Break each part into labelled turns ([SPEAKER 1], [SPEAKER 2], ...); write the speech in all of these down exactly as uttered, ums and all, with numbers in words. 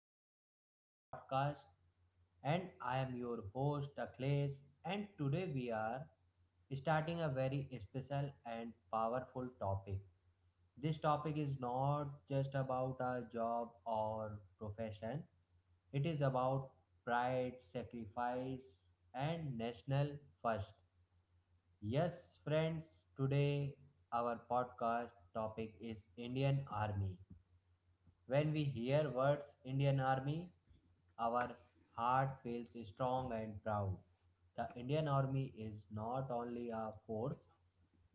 [SPEAKER 1] back to our podcast. And I am your host, Akhilesh. And today we are starting a very special and powerful topic. This topic is not just about our job or profession, it is about pride, sacrifice, and national first. Yes, friends, today our podcast topic is Indian Army. When we hear words Indian Army, our heart feels strong and proud. The Indian Army is not only a force,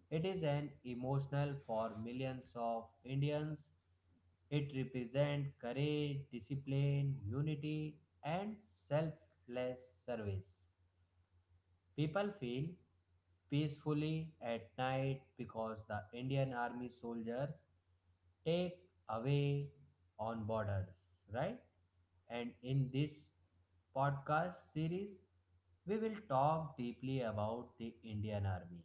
[SPEAKER 1] it is an emotional for millions of Indians. It represents courage, discipline, unity, and selfless service. People feel peacefully at night because the Indian Army soldiers take away on borders, right? And in this podcast series, we will talk deeply about the Indian Army.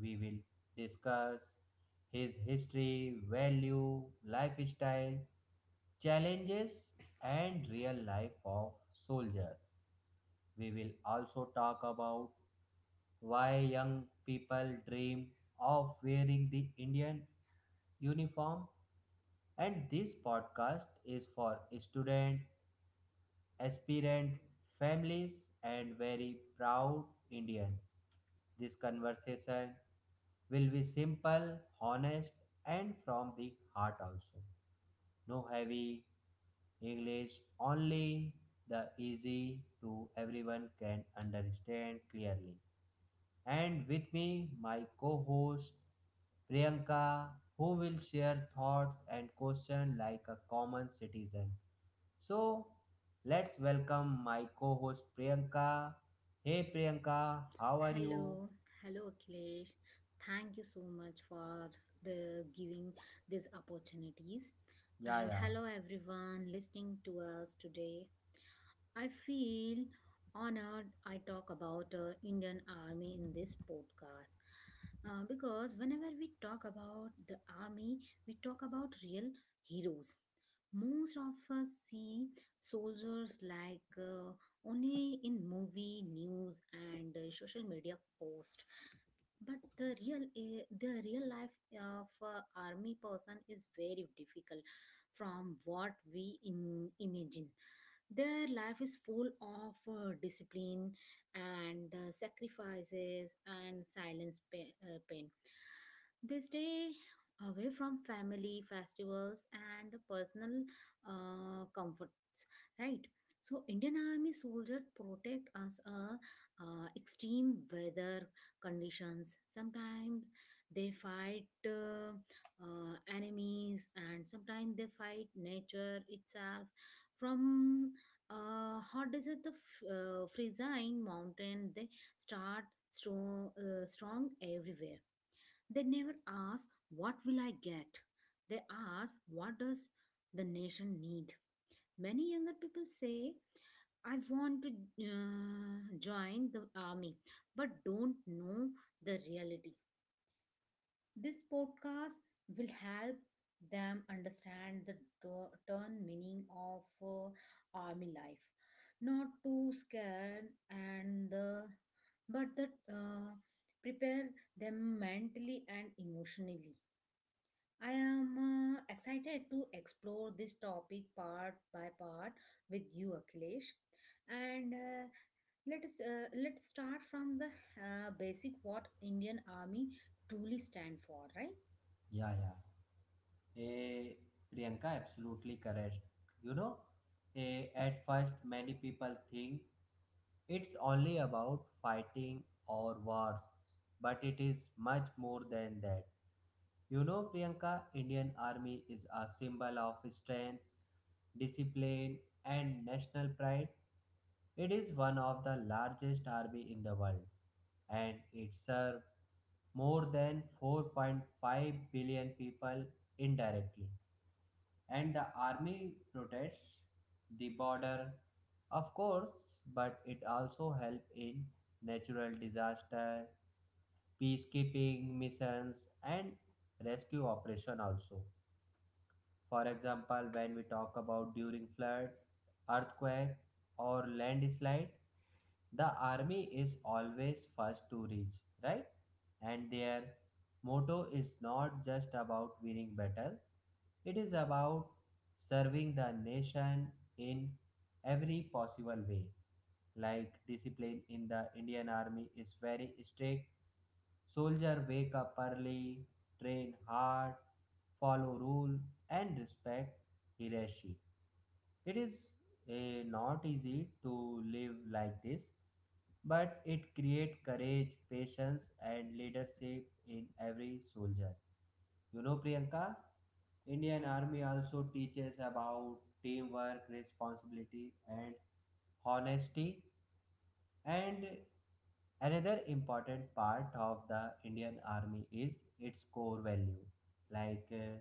[SPEAKER 1] We will discuss his history, value, lifestyle, challenges, and real life of soldiers. We will also talk about why young people dream of wearing the Indian uniform and this podcast is for student aspirant families, and very proud Indian. This conversation will be simple, honest, and from the heart also. No heavy English, only the easy to everyone can understand clearly. And with me, my co host Priyanka, who will share thoughts and questions like a common citizen. So, let's welcome my co host Priyanka. Hey Priyanka, how are you?
[SPEAKER 2] Hello, hello Akhilesh. Thank you so much for the giving these opportunities.
[SPEAKER 1] Yeah,
[SPEAKER 2] And
[SPEAKER 1] yeah,
[SPEAKER 2] hello everyone listening to us today. I feel honored I talk about uh, Indian Army in this podcast. Uh, because whenever we talk about the army, we talk about real heroes. Most of us see soldiers like uh, only in movie, news, and uh, social media posts, but the real eh, the real life of a army person is very difficult from what we in, imagine. Their life is full of uh, discipline and uh, sacrifices and silence, pa- uh, pain. They stay away from family, festivals, and personal uh, comforts, right? So Indian army soldiers protect us uh, uh, extreme weather conditions. Sometimes they fight uh, uh, enemies, and sometimes they fight nature itself. From uh, hot desert of uh, Frizzine mountain, they start strong, uh, strong everywhere. They never ask, "What will I get?" They ask, "What does the nation need?" Many younger people say, "I want to uh, join the army," but don't know the reality. This podcast will help them understand the tur- turn meaning of uh, army life, not too scared and the but that uh, prepare them mentally and emotionally. I am uh, excited to explore this topic part by part with you, Akhilesh. And uh, let us uh, let's start from the uh, basic what Indian Army truly stand for, right?
[SPEAKER 1] yeah, yeah. Eh, Priyanka, absolutely correct. You know, eh, at first, many people think it's only about fighting or wars, but it is much more than that. You know, Priyanka, Indian Army is a symbol of strength, discipline, and national pride. It is one of the largest army in the world, and it serves more than four point five billion people indirectly. And the army protects the border, of course, but it also helps in natural disaster peacekeeping missions and rescue operation also, for example, when we talk about during flood, earthquake, or landslide, the army is always first to reach, right? And their motto is not just about winning battle, it is about serving the nation in every possible way. Like discipline in the Indian army is very strict. Soldier wake up early, train hard, follow rule, and respect hierarchy. It is eh, not easy to live like this, but it creates courage, patience, and leadership in every soldier. You know, Priyanka, Indian Army also teaches about teamwork, responsibility, and honesty. And another important part of the Indian Army is its core value. Like uh,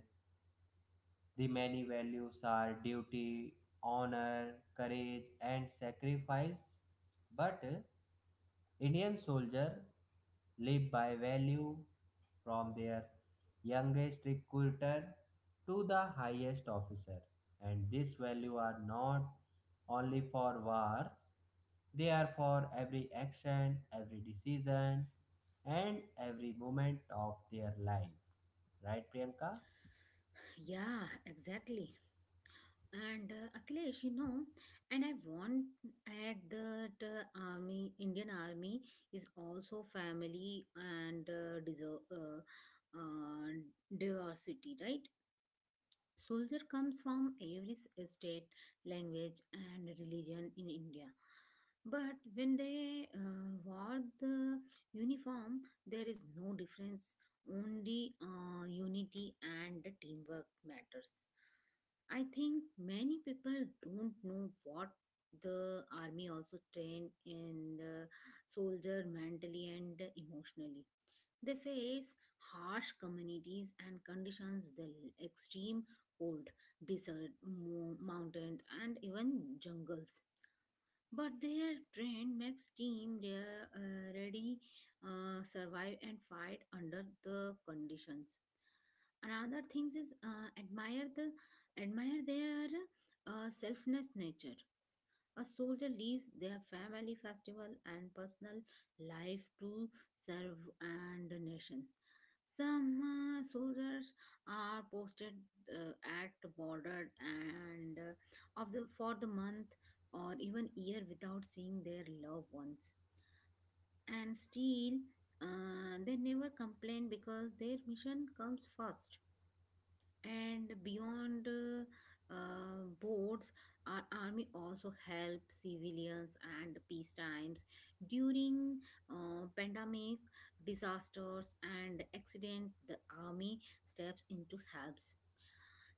[SPEAKER 1] the many values are duty, honor, courage, and sacrifice. But uh, Indian soldiers live by value from their youngest recruiter to the highest officer, and these values are not only for wars, they are for every action, every decision, and every moment of their life. Right, Priyanka?
[SPEAKER 2] Yeah, exactly. And uh, Akhilesh, you know, and I want add that uh, army, Indian Army is also family and uh, deserve, uh, uh, diversity, right? Soldier comes from every state, language, and religion in India. But when they uh, wear the uniform, there is no difference. Only uh, unity and teamwork matters. I think many people don't know what the army also train in the soldier mentally and emotionally. They face harsh communities and conditions, the extreme cold, desert, mo- mountain, and even jungles. But their train makes team they uh, ready uh, survive and fight under the conditions. Another things is uh, admire the admire their uh, selfless nature. A soldier leaves their family, festival, and personal life to serve and nation. Some uh, soldiers are posted uh, at the border and uh, of the for the month or even year without seeing their loved ones. And still, uh, they never complain because their mission comes first. And beyond uh, uh, boards, our army also help civilians and peace times during uh, pandemic, disasters, and accident. The army steps into helps.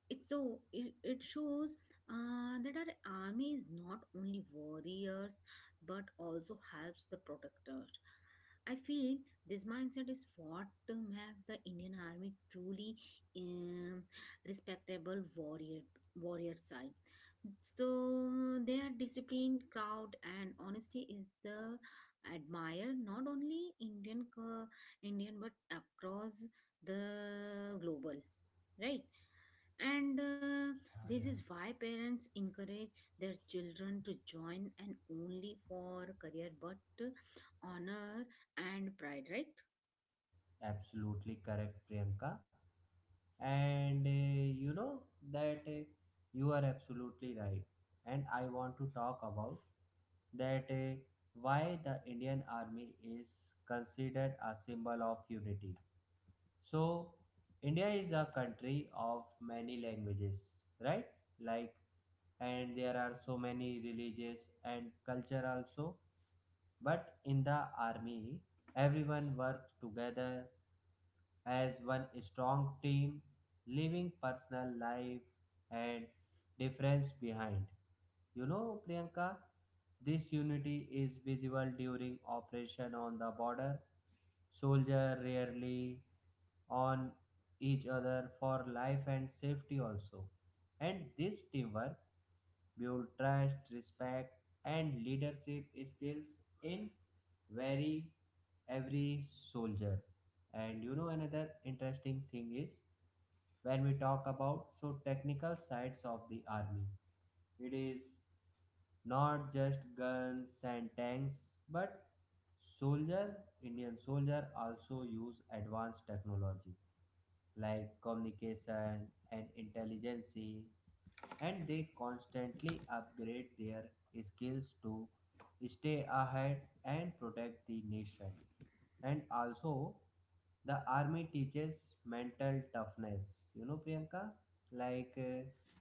[SPEAKER 2] It so it, it shows uh, that our army is not only warriors but also helps the protectors. I feel this mindset is what makes the Indian Army truly um, respectable, warrior warrior side. So their disciplined crowd and honesty is the admire not only indian co- Indian but across the global, right? And uh,
[SPEAKER 1] Yeah,
[SPEAKER 2] this
[SPEAKER 1] yeah.
[SPEAKER 2] is why parents encourage their children to join and only for career but honor and pride, right?
[SPEAKER 1] Absolutely correct, Priyanka. And uh, you know that uh, you are absolutely right and I want to talk about that uh, why the Indian army is considered a symbol of unity. So India is a country of many languages, right? Like, and there are so many religious and culture also, but in the army everyone works together as one strong team, leaving personal life and difference behind. You know, Priyanka, this unity is visible during operation on the border. Soldier rarely on each other for life and safety also. And this teamwork build trust, respect, and leadership skills in very every soldier. And you know, another interesting thing is when we talk about so technical sides of the army, it is not just guns and tanks but soldier Indian soldier also use advanced technology like communication and intelligence, and they constantly upgrade their skills to stay ahead and protect the nation. And also the army teaches mental toughness, you know, Priyanka. like uh,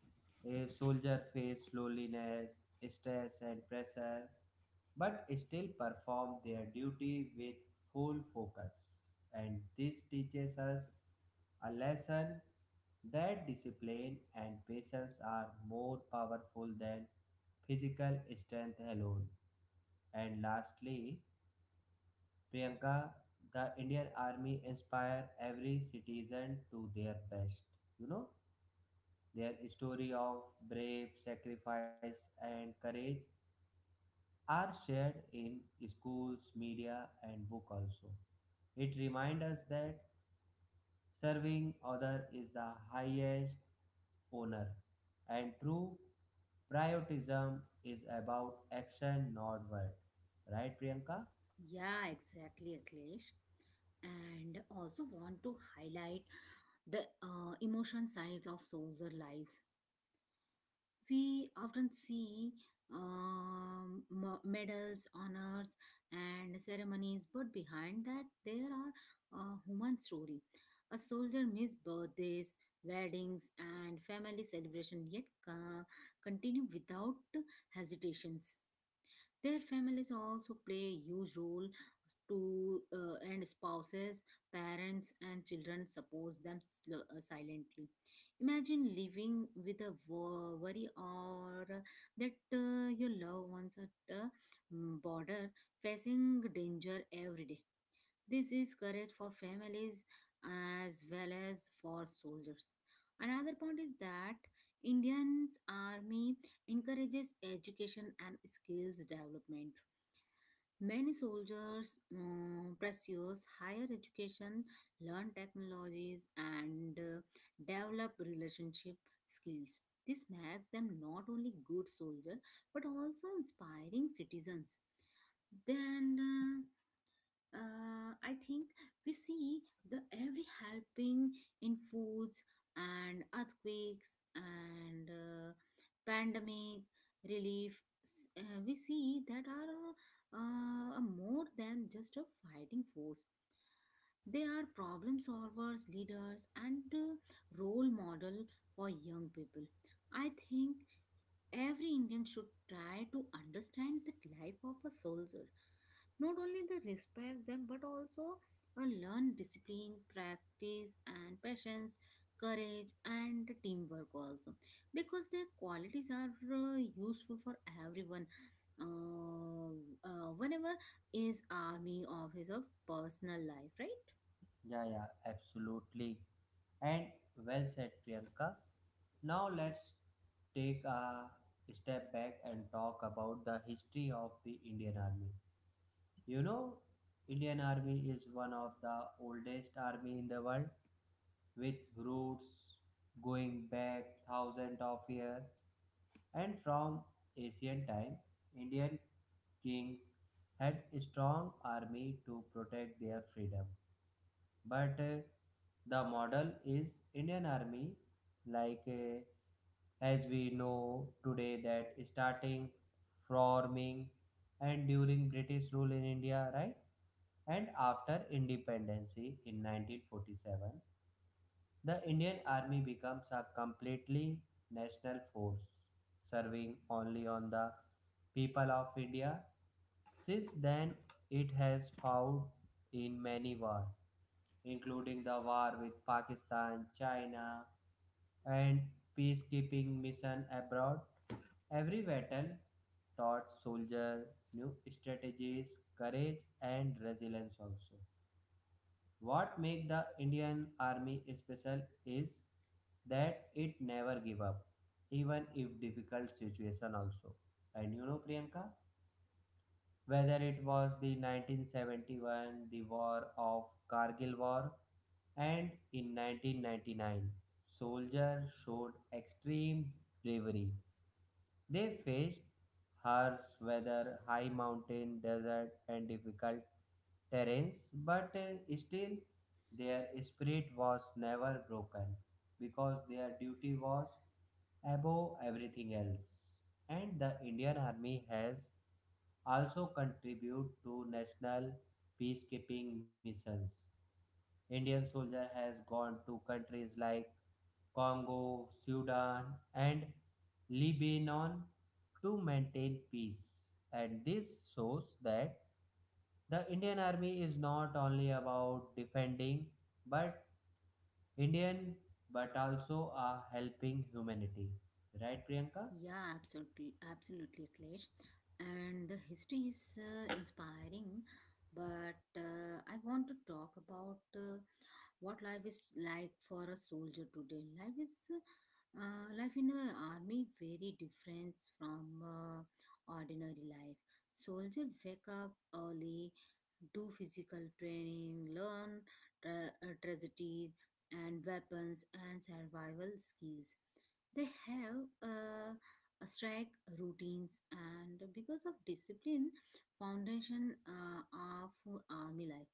[SPEAKER 1] a soldier faced loneliness, stress, and pressure, but still performed their duty with full focus. And this teaches us a lesson that discipline and patience are more powerful than physical strength alone. And lastly, Priyanka, the Indian Army inspire every citizen to their best. You know? Their story of brave sacrifice and courage are shared in schools, media, and book also. It reminds us that serving other is the highest honor, and true patriotism is about action, not word. Right, Priyanka?
[SPEAKER 2] Yeah, exactly, Akhilesh. And also want to highlight the uh, emotion sides of soldier lives. We often see um, m- medals, honors, and ceremonies, but behind that, there are a human story. A soldier missed birthdays, weddings, and family celebration, yet uh, continue without hesitations. Their families also play a huge role to uh, and spouses, parents, and children support them sl- uh, silently. Imagine living with a wo- worry or that uh, your loved ones at the mm, border facing danger every day. This is courage for families as well as for soldiers. Another point is that Indian's army encourages education and skills development. Many soldiers um, pursue higher education, learn technologies, and uh, develop relationship skills. This makes them not only good soldiers but also inspiring citizens. Then uh, uh, I think we see the every helping in foods and earthquakes and uh, pandemic relief. S- uh, we see that our uh, more than just a fighting force. They are problem solvers, leaders, and uh, role model for young people. I think every Indian should try to understand the life of a soldier. Not only they respect them, but also uh, learn discipline, practice, and patience, courage, and teamwork also, because their qualities are uh, useful for everyone uh, uh, whenever is army office of personal life, right?
[SPEAKER 1] Yeah, yeah, absolutely. And well said, Priyanka. Now let's take a step back and talk about the history of the Indian Army. You know, Indian Army is one of the oldest army in the world with roots going back thousands of years, and from ancient time Indian kings had a strong army to protect their freedom. But uh, The model is Indian Army, like uh, as we know today, that starting forming and during British rule in India, right? And after independence in nineteen forty-seven, the Indian army becomes a completely national force serving only on the people of India. Since then it has fought in many wars, including the war with Pakistan, China, and peacekeeping mission abroad. Every battle taught soldier new strategies, courage, and resilience also. What makes the Indian Army special is that it never give up, even if difficult situation also. And you know Priyanka, whether it was the nineteen seventy-one, the war of Kargil war, and in nineteen ninety-nine, soldiers showed extreme bravery. They faced harsh weather, high mountain, desert, and difficult terrains, but uh, still their spirit was never broken because their duty was above everything else. And the Indian Army has also contributed to national peacekeeping missions. Indian soldier has gone to countries like Congo, Sudan, and Lebanon to maintain peace. And this shows that the Indian Army is not only about defending, but Indian, but also are helping humanity. Right, Priyanka?
[SPEAKER 2] Yeah, absolutely, absolutely Klesh. And the history is uh, inspiring, but uh, I want to talk about uh, what life is like for a soldier today. Life is uh, life in the army very different from uh, ordinary life. Soldier wake up early, do physical training, learn tra- uh, tragedy and weapons and survival skills. They have uh, a strike routines and because of discipline foundation uh, of army life.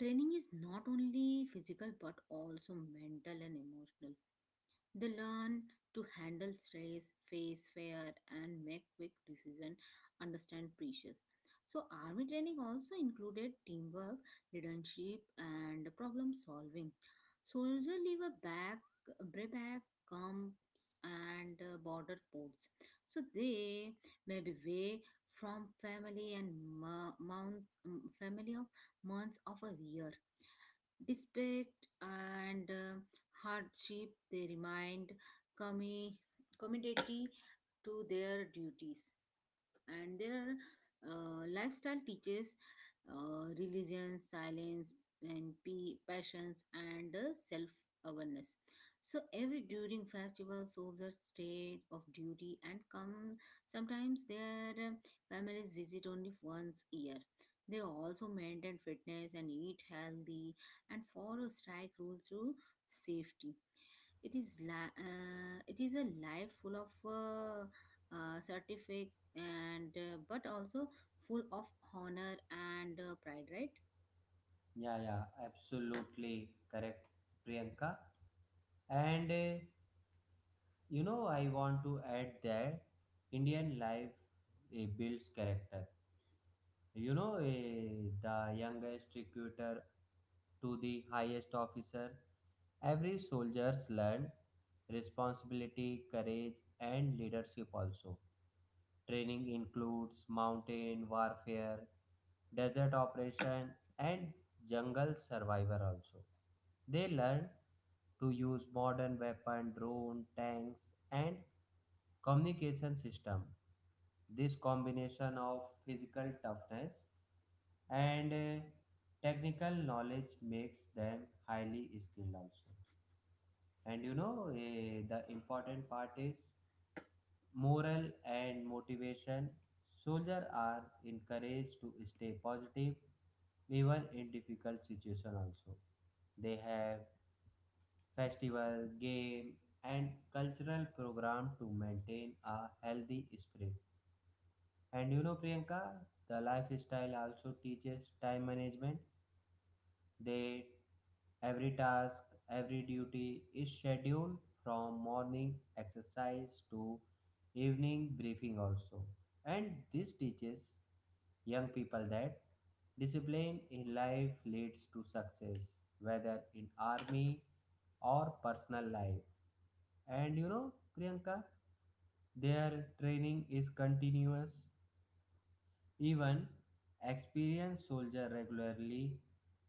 [SPEAKER 2] Training is not only physical but also mental and emotional. They learn to handle stress, face fear, and make quick decision, understand pressures. So army training also included teamwork, leadership, and problem solving. Soldiers leave a back, brayback, camps, and uh, border ports. So they may be away from family and mo- months, um, family of months of a year. Despite and uh, hardship, they remind commi- community to their duties. And their uh, lifestyle teaches uh, religion, silence, and p- passions and uh, self awareness. So every during festival, soldiers stay of duty and come. Sometimes their um, families visit only once a year. They also maintain fitness and eat healthy and follow strike rules to safety. It is li- uh, it is a life full of uh, uh, certificate and uh, but also full of honor and uh, pride, right?
[SPEAKER 1] Yeah, yeah, absolutely correct, Priyanka. And uh, You know, I want to add that Indian life eh, builds character. You know, eh, the youngest recruiter to the highest officer, every soldier's learned responsibility, courage, and leadership also. Training includes mountain warfare, desert operation, and jungle survivor also. They learn to use modern weapon, drone, tanks and communication system. This combination of physical toughness and uh, technical knowledge makes them highly skilled also. And you know, eh, the important part is moral and motivation. Soldiers are encouraged to stay positive even in difficult situation, also. They have festival, game, and cultural program to maintain a healthy spirit. And you know, Priyanka, the lifestyle also teaches time management. They every task, every duty is scheduled from morning exercise to evening briefing also. And this teaches young people that discipline in life leads to success, whether in army or personal life. And you know, Priyanka, their training is continuous. Even experienced soldiers regularly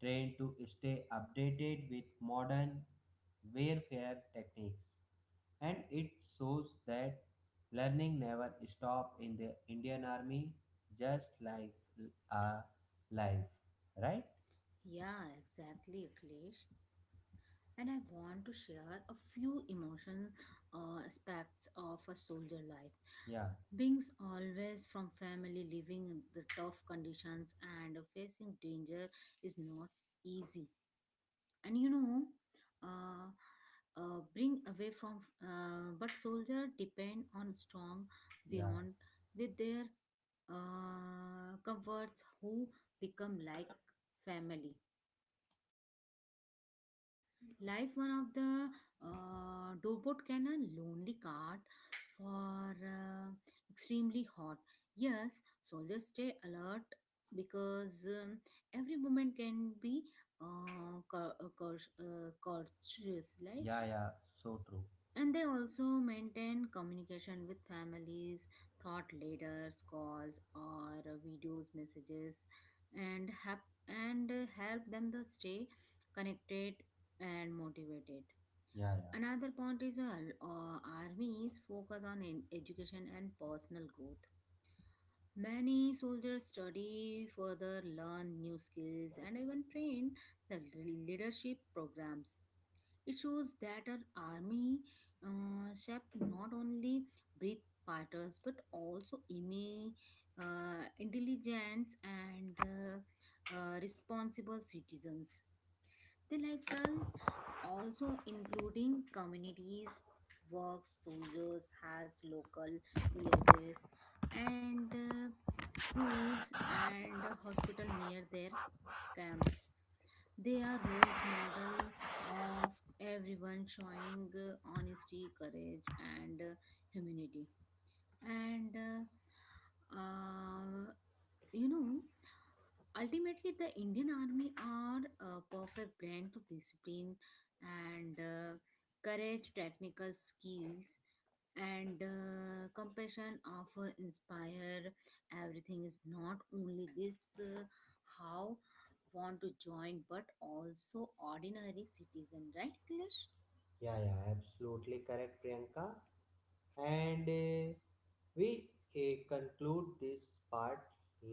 [SPEAKER 1] train to stay updated with modern warfare techniques, and it shows that learning never stops in the Indian Army, just like a life, right?
[SPEAKER 2] Yeah, exactly, Akhilesh. And I want to share a few emotion uh, aspects of a soldier life.
[SPEAKER 1] Yeah,
[SPEAKER 2] Being always from family, living in the tough conditions and facing danger is not easy. And you know uh, uh, bring away from uh, but soldier depend on strong
[SPEAKER 1] yeah,
[SPEAKER 2] beyond with their uh, comforts who become like family life one of the uh, dobot can a lonely card for uh, extremely hot. Yes, soldiers stay alert because um, every moment can be uh, cur- uh, cur- uh, courteous, right?
[SPEAKER 1] yeah, yeah, so true.
[SPEAKER 2] And they also maintain communication with families, thought leaders, calls or videos, messages, and help and help them to stay connected and motivated.
[SPEAKER 1] Yeah, yeah.
[SPEAKER 2] Another point is uh, uh, armies focus on in education and personal growth. Many soldiers study further, learn new skills, and even train the leadership programs. It shows that our army uh, shaped not only breath fighters but also imi- uh, intelligence and uh, uh, responsible citizens. The lifestyle also including communities, works, soldiers, has local villages and uh, schools and hospital near their camps. They are roles model of everyone showing uh, honesty, courage, and uh, humanity. And uh, uh, you know, ultimately the Indian army are a perfect blend of discipline and uh, courage, technical skills and uh, compassion of uh, inspire everything is not only this uh, how want to join but also ordinary citizen, right, Akhilesh?
[SPEAKER 1] Yeah, yeah, absolutely correct, Priyanka. And uh, we uh, conclude this part.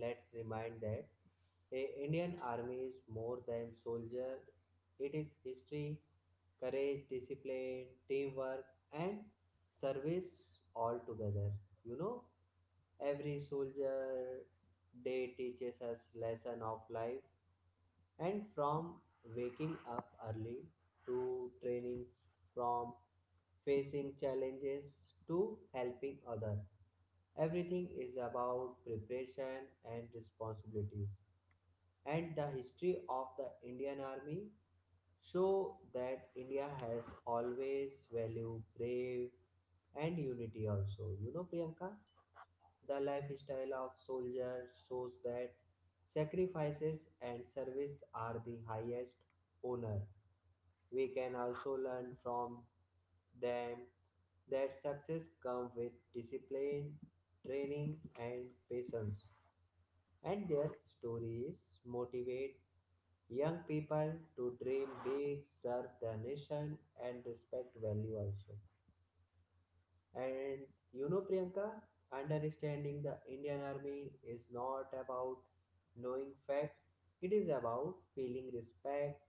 [SPEAKER 1] Let's remind that a Indian army is more than soldier. It is history, courage, discipline, teamwork, and service all together. You know, every soldier day teaches us lesson of life, and from waking up early to training, from facing challenges to helping other, everything is about preparation and responsibilities. And the history of the Indian Army show that India has always valued brave and unity also. You know, Priyanka, the lifestyle of soldiers shows that sacrifices and service are the highest honor. We can also learn from them that success comes with discipline, training, and patience, and their stories motivate young people to dream big, serve the nation, and respect value also. And you know, Priyanka, understanding the Indian Army is not about knowing fact, it is about feeling respect,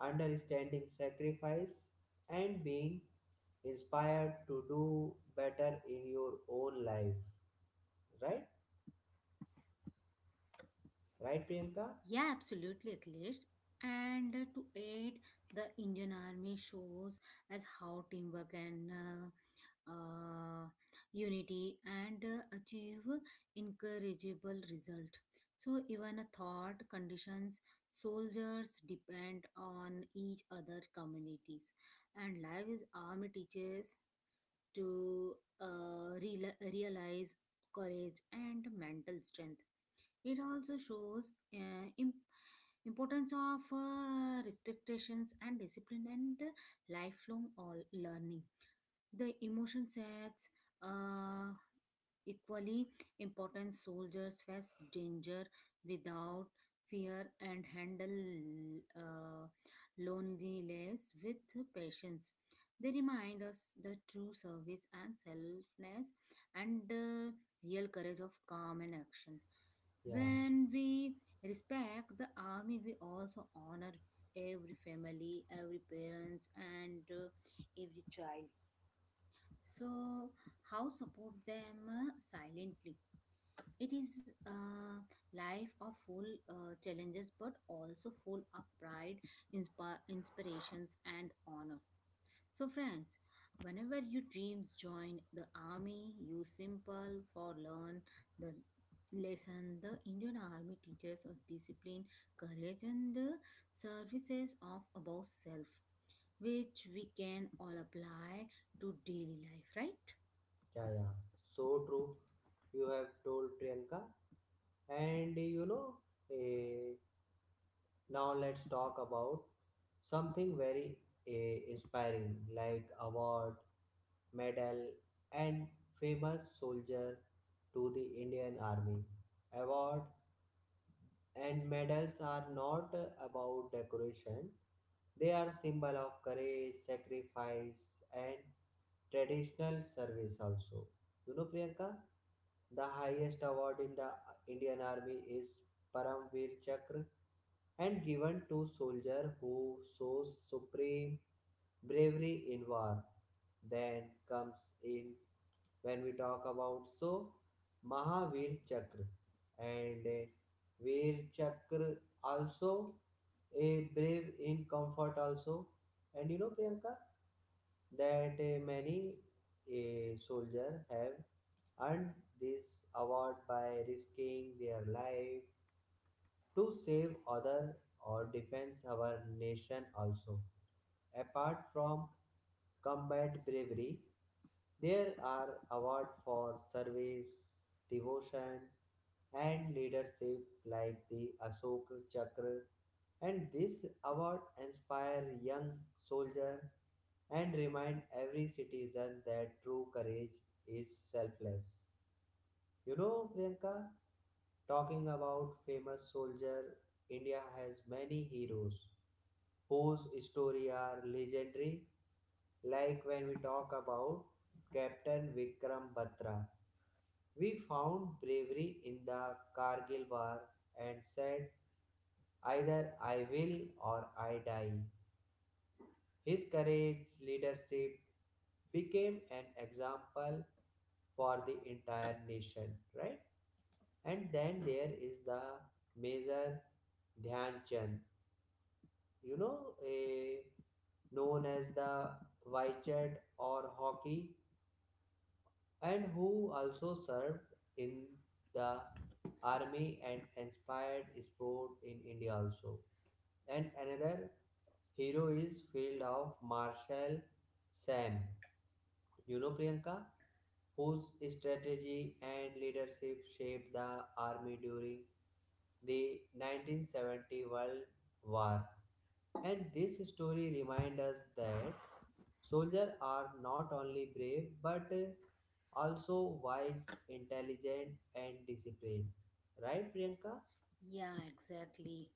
[SPEAKER 1] understanding sacrifice, and being inspired to do better in your own life. Right? Right, Priyanka?
[SPEAKER 2] Yeah, absolutely, Akhilesh. And uh, to aid, the Indian army shows as how teamwork and uh, uh, unity and uh, achieve incorrigible result. So even a thought conditions, soldiers depend on each other communities, and life is army teaches to uh, reala- realize courage and mental strength. It also shows uh, im- importance of uh, respectations and discipline and lifelong all learning. The emotion sets uh, equally important. Soldiers face danger without fear and handle uh, loneliness with patience. They remind us the true service and selfless and uh, real courage of calm and action.
[SPEAKER 1] Yeah.
[SPEAKER 2] When we respect the army, we also honor every family, every parents, and uh, every child. So how support them uh, silently. It is a life of full uh, challenges but also full of pride, inspi- inspirations, and honor. So friends, whenever your dreams join the army, you simple for learn the lesson the Indian Army teaches us: discipline, courage, and the services of above self, which we can all apply to daily life, right?
[SPEAKER 1] Yeah, yeah, so true. You have told Priyanka, and you know, eh, now let's talk about something very eh, inspiring, like award, medal, and famous soldier to the Indian Army. Award and medals are not about decoration, they are symbol of courage, sacrifice, and traditional service also. You know, Priyanka, the highest award in the Indian army is Paramvir Chakra, and given to soldier who shows supreme bravery in war. Then comes in when we talk about so Mahavir Chakra and uh, wear chakra also, a brave in comfort also. And you know, Priyanka, that uh, many a soldier have earned this award by risking their life to save other or defends our nation also. Apart from combat bravery, there are awards for service, devotion, and leadership like the Ashok Chakra. And this award inspire young soldier and remind every citizen that true courage is selfless. You know, Priyanka, talking about famous soldier, India has many heroes whose story are legendary. Like when we talk about Captain Vikram Batra, we found bravery in the Kargil war and said, either I will or I die. His courage, leadership became an example for the entire nation, right? And then there is the Major Dhyan Chand, you know, a, known as the Wychet or Hockey, and who also served in the army and inspired sport in India also. And another hero is field of Marshal Sam, you know, Priyanka, whose strategy and leadership shaped the army during the nineteen seventy World War. And this story reminds us that soldiers are not only brave but also wise, intelligent, and disciplined. Right, Priyanka?
[SPEAKER 2] Yeah, exactly.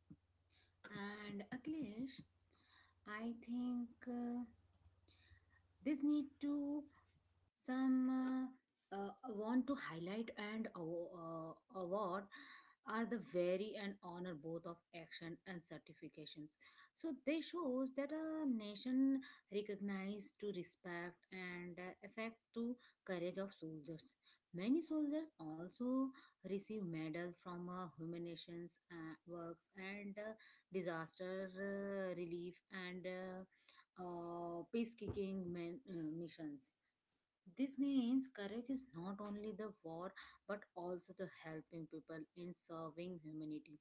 [SPEAKER 2] And Akhilesh, I think uh, this need to some uh, uh, want to highlight and aw- uh, award are the very and honor both of action and certifications. So this shows that a nation recognize to respect and uh, affect to courage of soldiers. Many soldiers also receive medals from uh, humanities uh, works and uh, disaster uh, relief and uh, uh, peacekeeping men, uh, missions. This means courage is not only the war but also the helping people in serving humanity.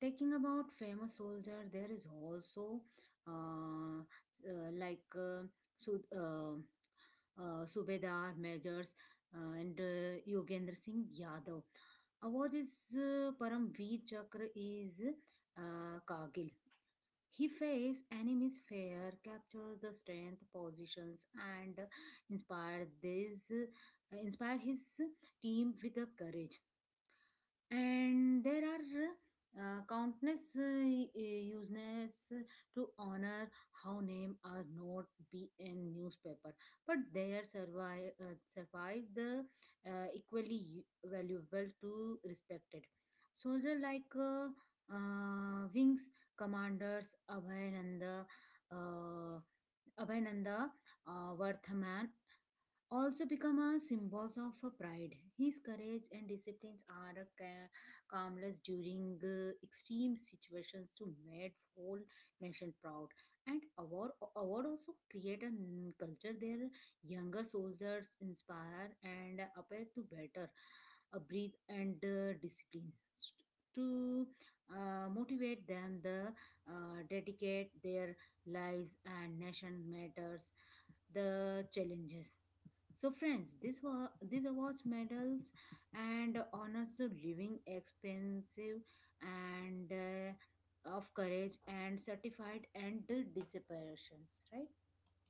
[SPEAKER 2] Taking about famous soldier, there is also uh, uh, like uh, Su- uh, uh, Subedar, Majors, uh, and uh, Yogendra Singh Yadav. Award is uh, Paramveer Chakra is uh, Kargil. He faced enemies fair, captured the strength positions, and inspired this inspired his team with the courage. And there are uh, countless uh, y- uses to honor how name are not be in newspaper but they are survive uh, survive the uh, equally u- valuable to respected soldier like uh, uh, wings commanders abhinanda uh, Abhinanda uh, Vardhaman also become a symbols of uh, pride. His courage and disciplines are a ca- calmness during uh, extreme situations to make whole nation proud. And award award also create a n- culture their younger soldiers inspire and appear to better uh, breathe and uh, discipline. St- To uh, motivate them, the uh, dedicate their lives and nation matters the challenges. So, friends, this were these awards, medals, and honors of living expensive and uh, of courage and certified and the disparitions, right?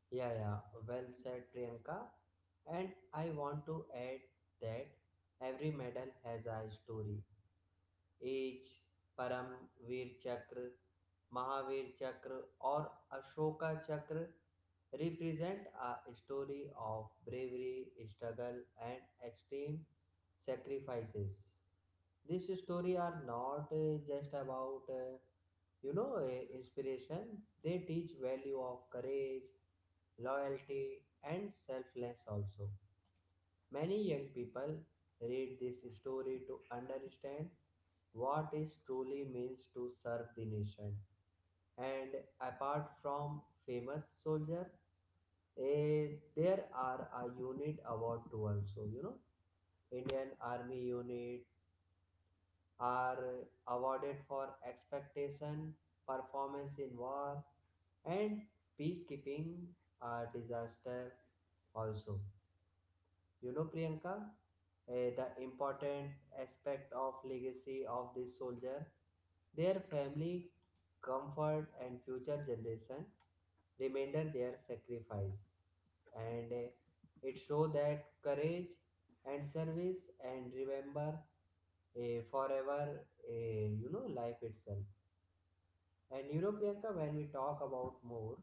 [SPEAKER 1] Yeah, yeah, well said, Priyanka. And I want to add that every medal has a story. As Paramvir Chakra Mahavir चक्र और ashoka chakra represent a story of bravery, struggle, and extreme sacrifices. These stories are not uh, just about uh, you know uh, inspiration. They teach value of courage, loyalty, and selfless also. Many young people read this story to understand what it truly means to serve the nation. And apart from famous soldier, eh, there are a unit award too also. You know, Indian Army unit are awarded for expectation, performance in war, and peacekeeping, uh, disaster also. You know, Priyanka, eh, the important aspect of legacy of this soldier, their family, comfort, and future generation remember their sacrifice, and eh, it show that courage and service, and remember, eh, forever, eh, you know, life itself. And you know, Priyanka, when we talk about more,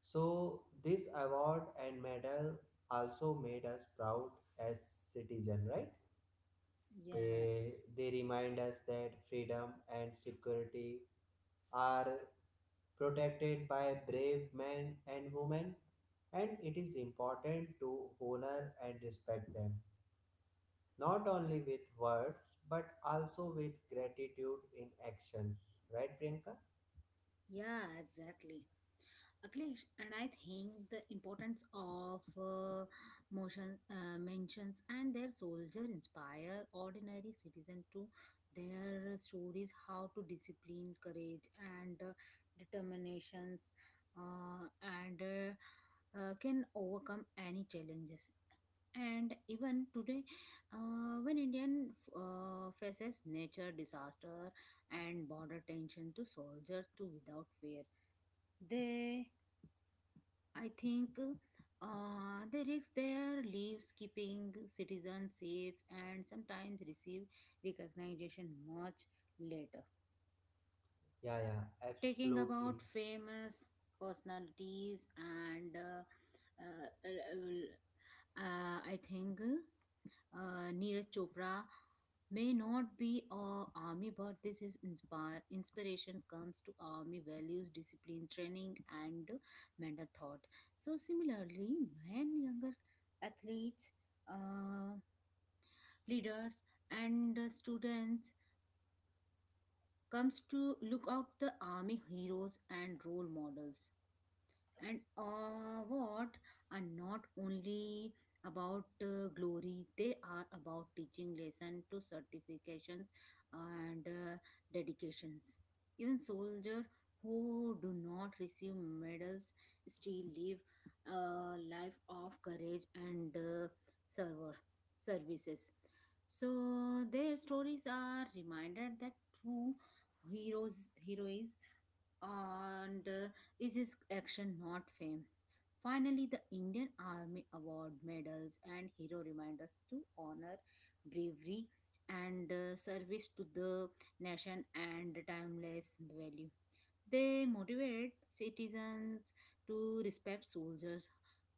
[SPEAKER 1] so this award and medal also made us proud as citizen, right?
[SPEAKER 2] Yeah,
[SPEAKER 1] Eh, they remind us that freedom and security are protected by brave men and women, and it is important to honor and respect them, not only with words but also with gratitude in actions. Right, Priyanka?
[SPEAKER 2] yeah, exactly. Akhilesh, and I think the importance of uh, motion uh, mentions and their soldier inspire ordinary citizen to their stories how to discipline, courage, and uh, determinations uh, and uh, uh, can overcome any challenges. And even today, uh, when Indian uh, faces nature disaster and border tension to soldiers to without fear, they I think uh, they risk their lives keeping citizens safe and sometimes receive recognition much later.
[SPEAKER 1] Yeah, yeah,
[SPEAKER 2] Taking
[SPEAKER 1] absolutely.
[SPEAKER 2] about famous personalities and uh, uh, uh, I think uh, Neeraj Chopra may not be a army, but this is inspire inspiration comes to army values, discipline, training, and mental thought. So similarly, when younger athletes, uh, leaders, and students comes to look out the army heroes and role models. And uh, what are not only about uh, glory, they are about teaching lesson to certifications and uh, dedications. Even soldier who do not receive medals still live a life of courage and uh, server services. So their stories are reminded that true heroes heroes and uh, is his action, not fame. Finally, the Indian Army Award medals and hero remind us to honor bravery and uh, service to the nation and timeless value. They motivate citizens to respect soldiers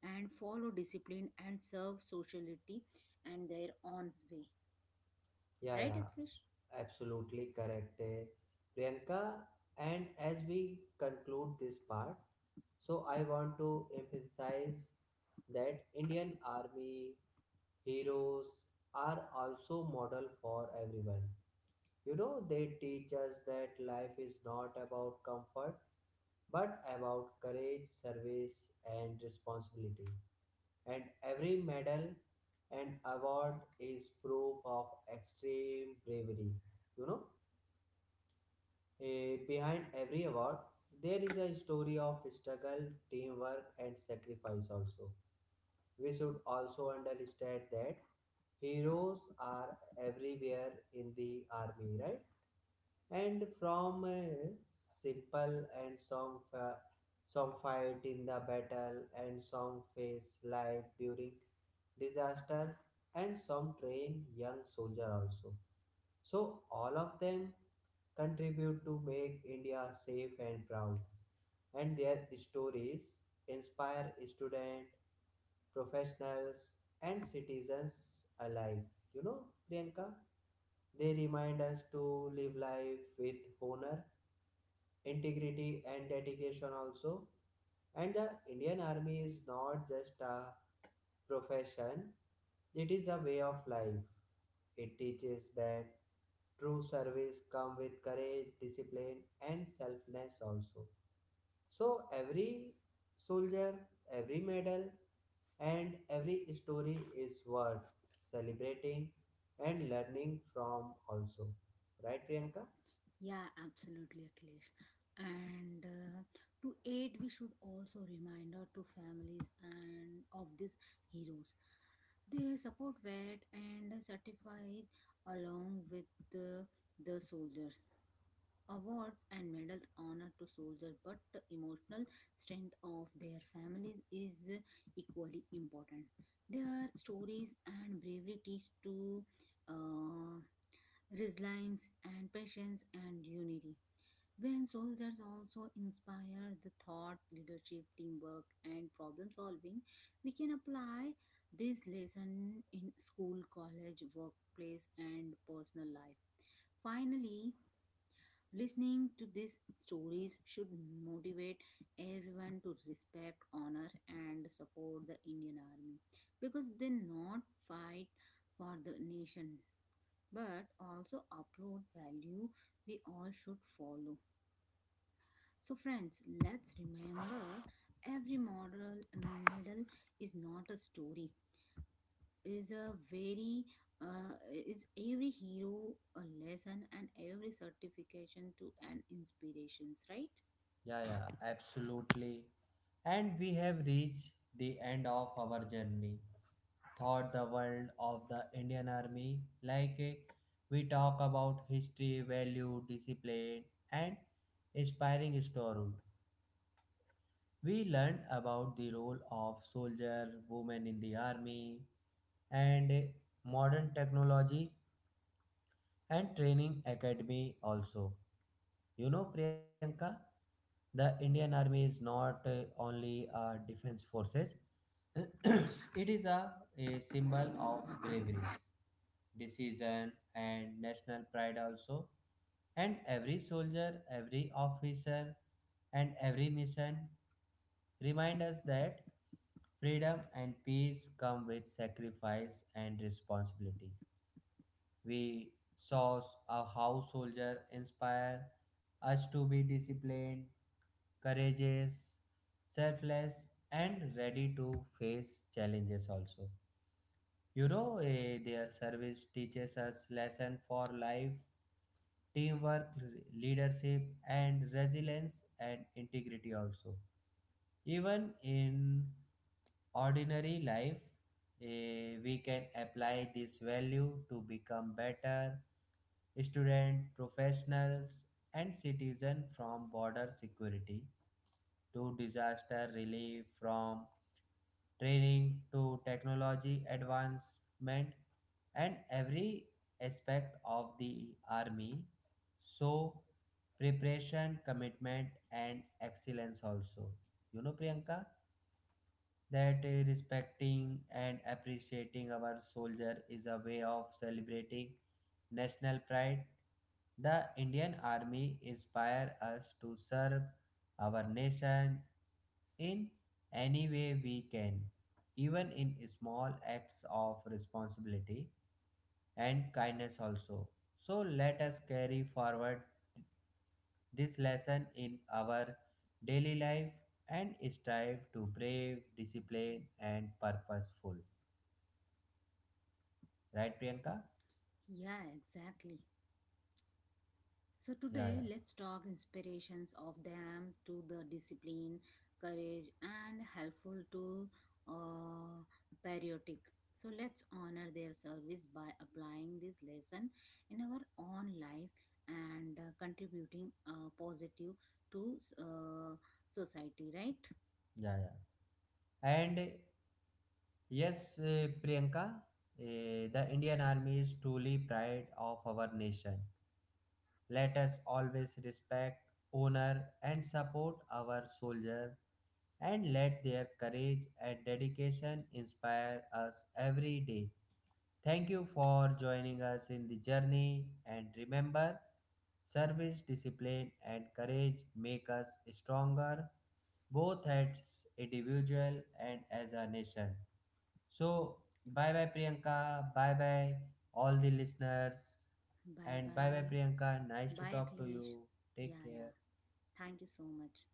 [SPEAKER 2] and follow discipline and serve society and their own way.
[SPEAKER 1] Yeah,
[SPEAKER 2] Right, Akhilesh?
[SPEAKER 1] yeah, absolutely correct. Eh, Priyanka, and as we conclude this part, so I want to emphasize that Indian Army heroes are also model for everyone. You know, they teach us that life is not about comfort, but about courage, service, and responsibility. And every medal and award is proof of extreme bravery. You know, eh, behind every award, there is a story of struggle, teamwork, and sacrifice also. We should also understand that heroes are everywhere in the army, right? And from uh, simple and some fa- some fight in the battle and some face life during disaster and some train young soldier also, so all of them contribute to make India safe and proud. And their stories inspire students, professionals, and citizens alike. You know, Priyanka, they remind us to live life with honor, integrity, and dedication also. And the Indian Army is not just a profession, it is a way of life. It teaches that true service comes with courage, discipline, and selflessness also. So every soldier, every medal, and every story is worth celebrating and learning from also. Right, Priyanka?
[SPEAKER 2] Yeah, absolutely, Akhilesh. And uh, to aid, we should also remind our to families and of these heroes. They support vet and certified along with uh, the soldiers. Awards and medals honor to soldiers, but the emotional strength of their families is equally important. Their stories and bravery teach to uh, resilience and patience and unity. When soldiers also inspire the thought, leadership, teamwork, and problem solving, we can apply this lesson in school, college, workplace, and personal life. Finally, listening to these stories should motivate everyone to respect, honor, and support the Indian Army because they not fight for the nation but also upload value we all should follow. So, friends, let's remember every model medal is not a story is a very uh, is every hero a lesson and every certification to an inspirations, right?
[SPEAKER 1] Yeah, yeah, absolutely. And we have reached the end of our journey. Thought the world of the Indian Army, like, eh, we talk about history, value, discipline, and inspiring story. We learned about the role of soldier, women in the army, and eh, modern technology and training academy also. You know, Priyanka, the Indian Army is not uh, only a defense forces, it is a, a symbol of bravery, decision, and national pride also. And every soldier, every officer, and every mission remind us that freedom and peace come with sacrifice and responsibility. We saw a how soldier inspire us to be disciplined, courageous, selfless, and ready to face challenges also. You know, eh, their service teaches us lesson for life, teamwork, leadership, and resilience and integrity also. Even in ordinary life, eh, we can apply this value to become better students, professionals, and citizens from border security to disaster relief, from training to technology advancement, and every aspect of the army. So, preparation, commitment, and excellence also. You know, Priyanka, that uh, respecting and appreciating our soldier is a way of celebrating national pride. The Indian Army inspire us to serve our nation in any way we can, even in small acts of responsibility and kindness also. So let us carry forward this lesson in our daily life and strive to brave, disciplined, and purposeful. Right, Priyanka?
[SPEAKER 2] Yeah, exactly. So
[SPEAKER 1] Yeah,
[SPEAKER 2] today,
[SPEAKER 1] yeah.
[SPEAKER 2] let's talk inspirations of them to the discipline, courage, and helpful to uh, patriotic. So let's honor their service by applying this lesson in our own life and uh, contributing uh, positive to uh, society, right?
[SPEAKER 1] Yeah yeah and uh, yes, uh, Priyanka, uh, the Indian Army is truly pride of our nation. Let us always respect, honor, and support our soldier, and let their courage and dedication inspire us every day. Thank you for joining us in the journey and remember, service, discipline, and courage make us stronger both as individual and as a nation. So, bye bye Priyanka, bye bye all the listeners,
[SPEAKER 2] Bye
[SPEAKER 1] and bye bye
[SPEAKER 2] bye.
[SPEAKER 1] Priyanka. Nice to
[SPEAKER 2] Bye,
[SPEAKER 1] talk to
[SPEAKER 2] Akhilesh.
[SPEAKER 1] you. Take
[SPEAKER 2] Yeah,
[SPEAKER 1] care.
[SPEAKER 2] yeah. Thank you so much.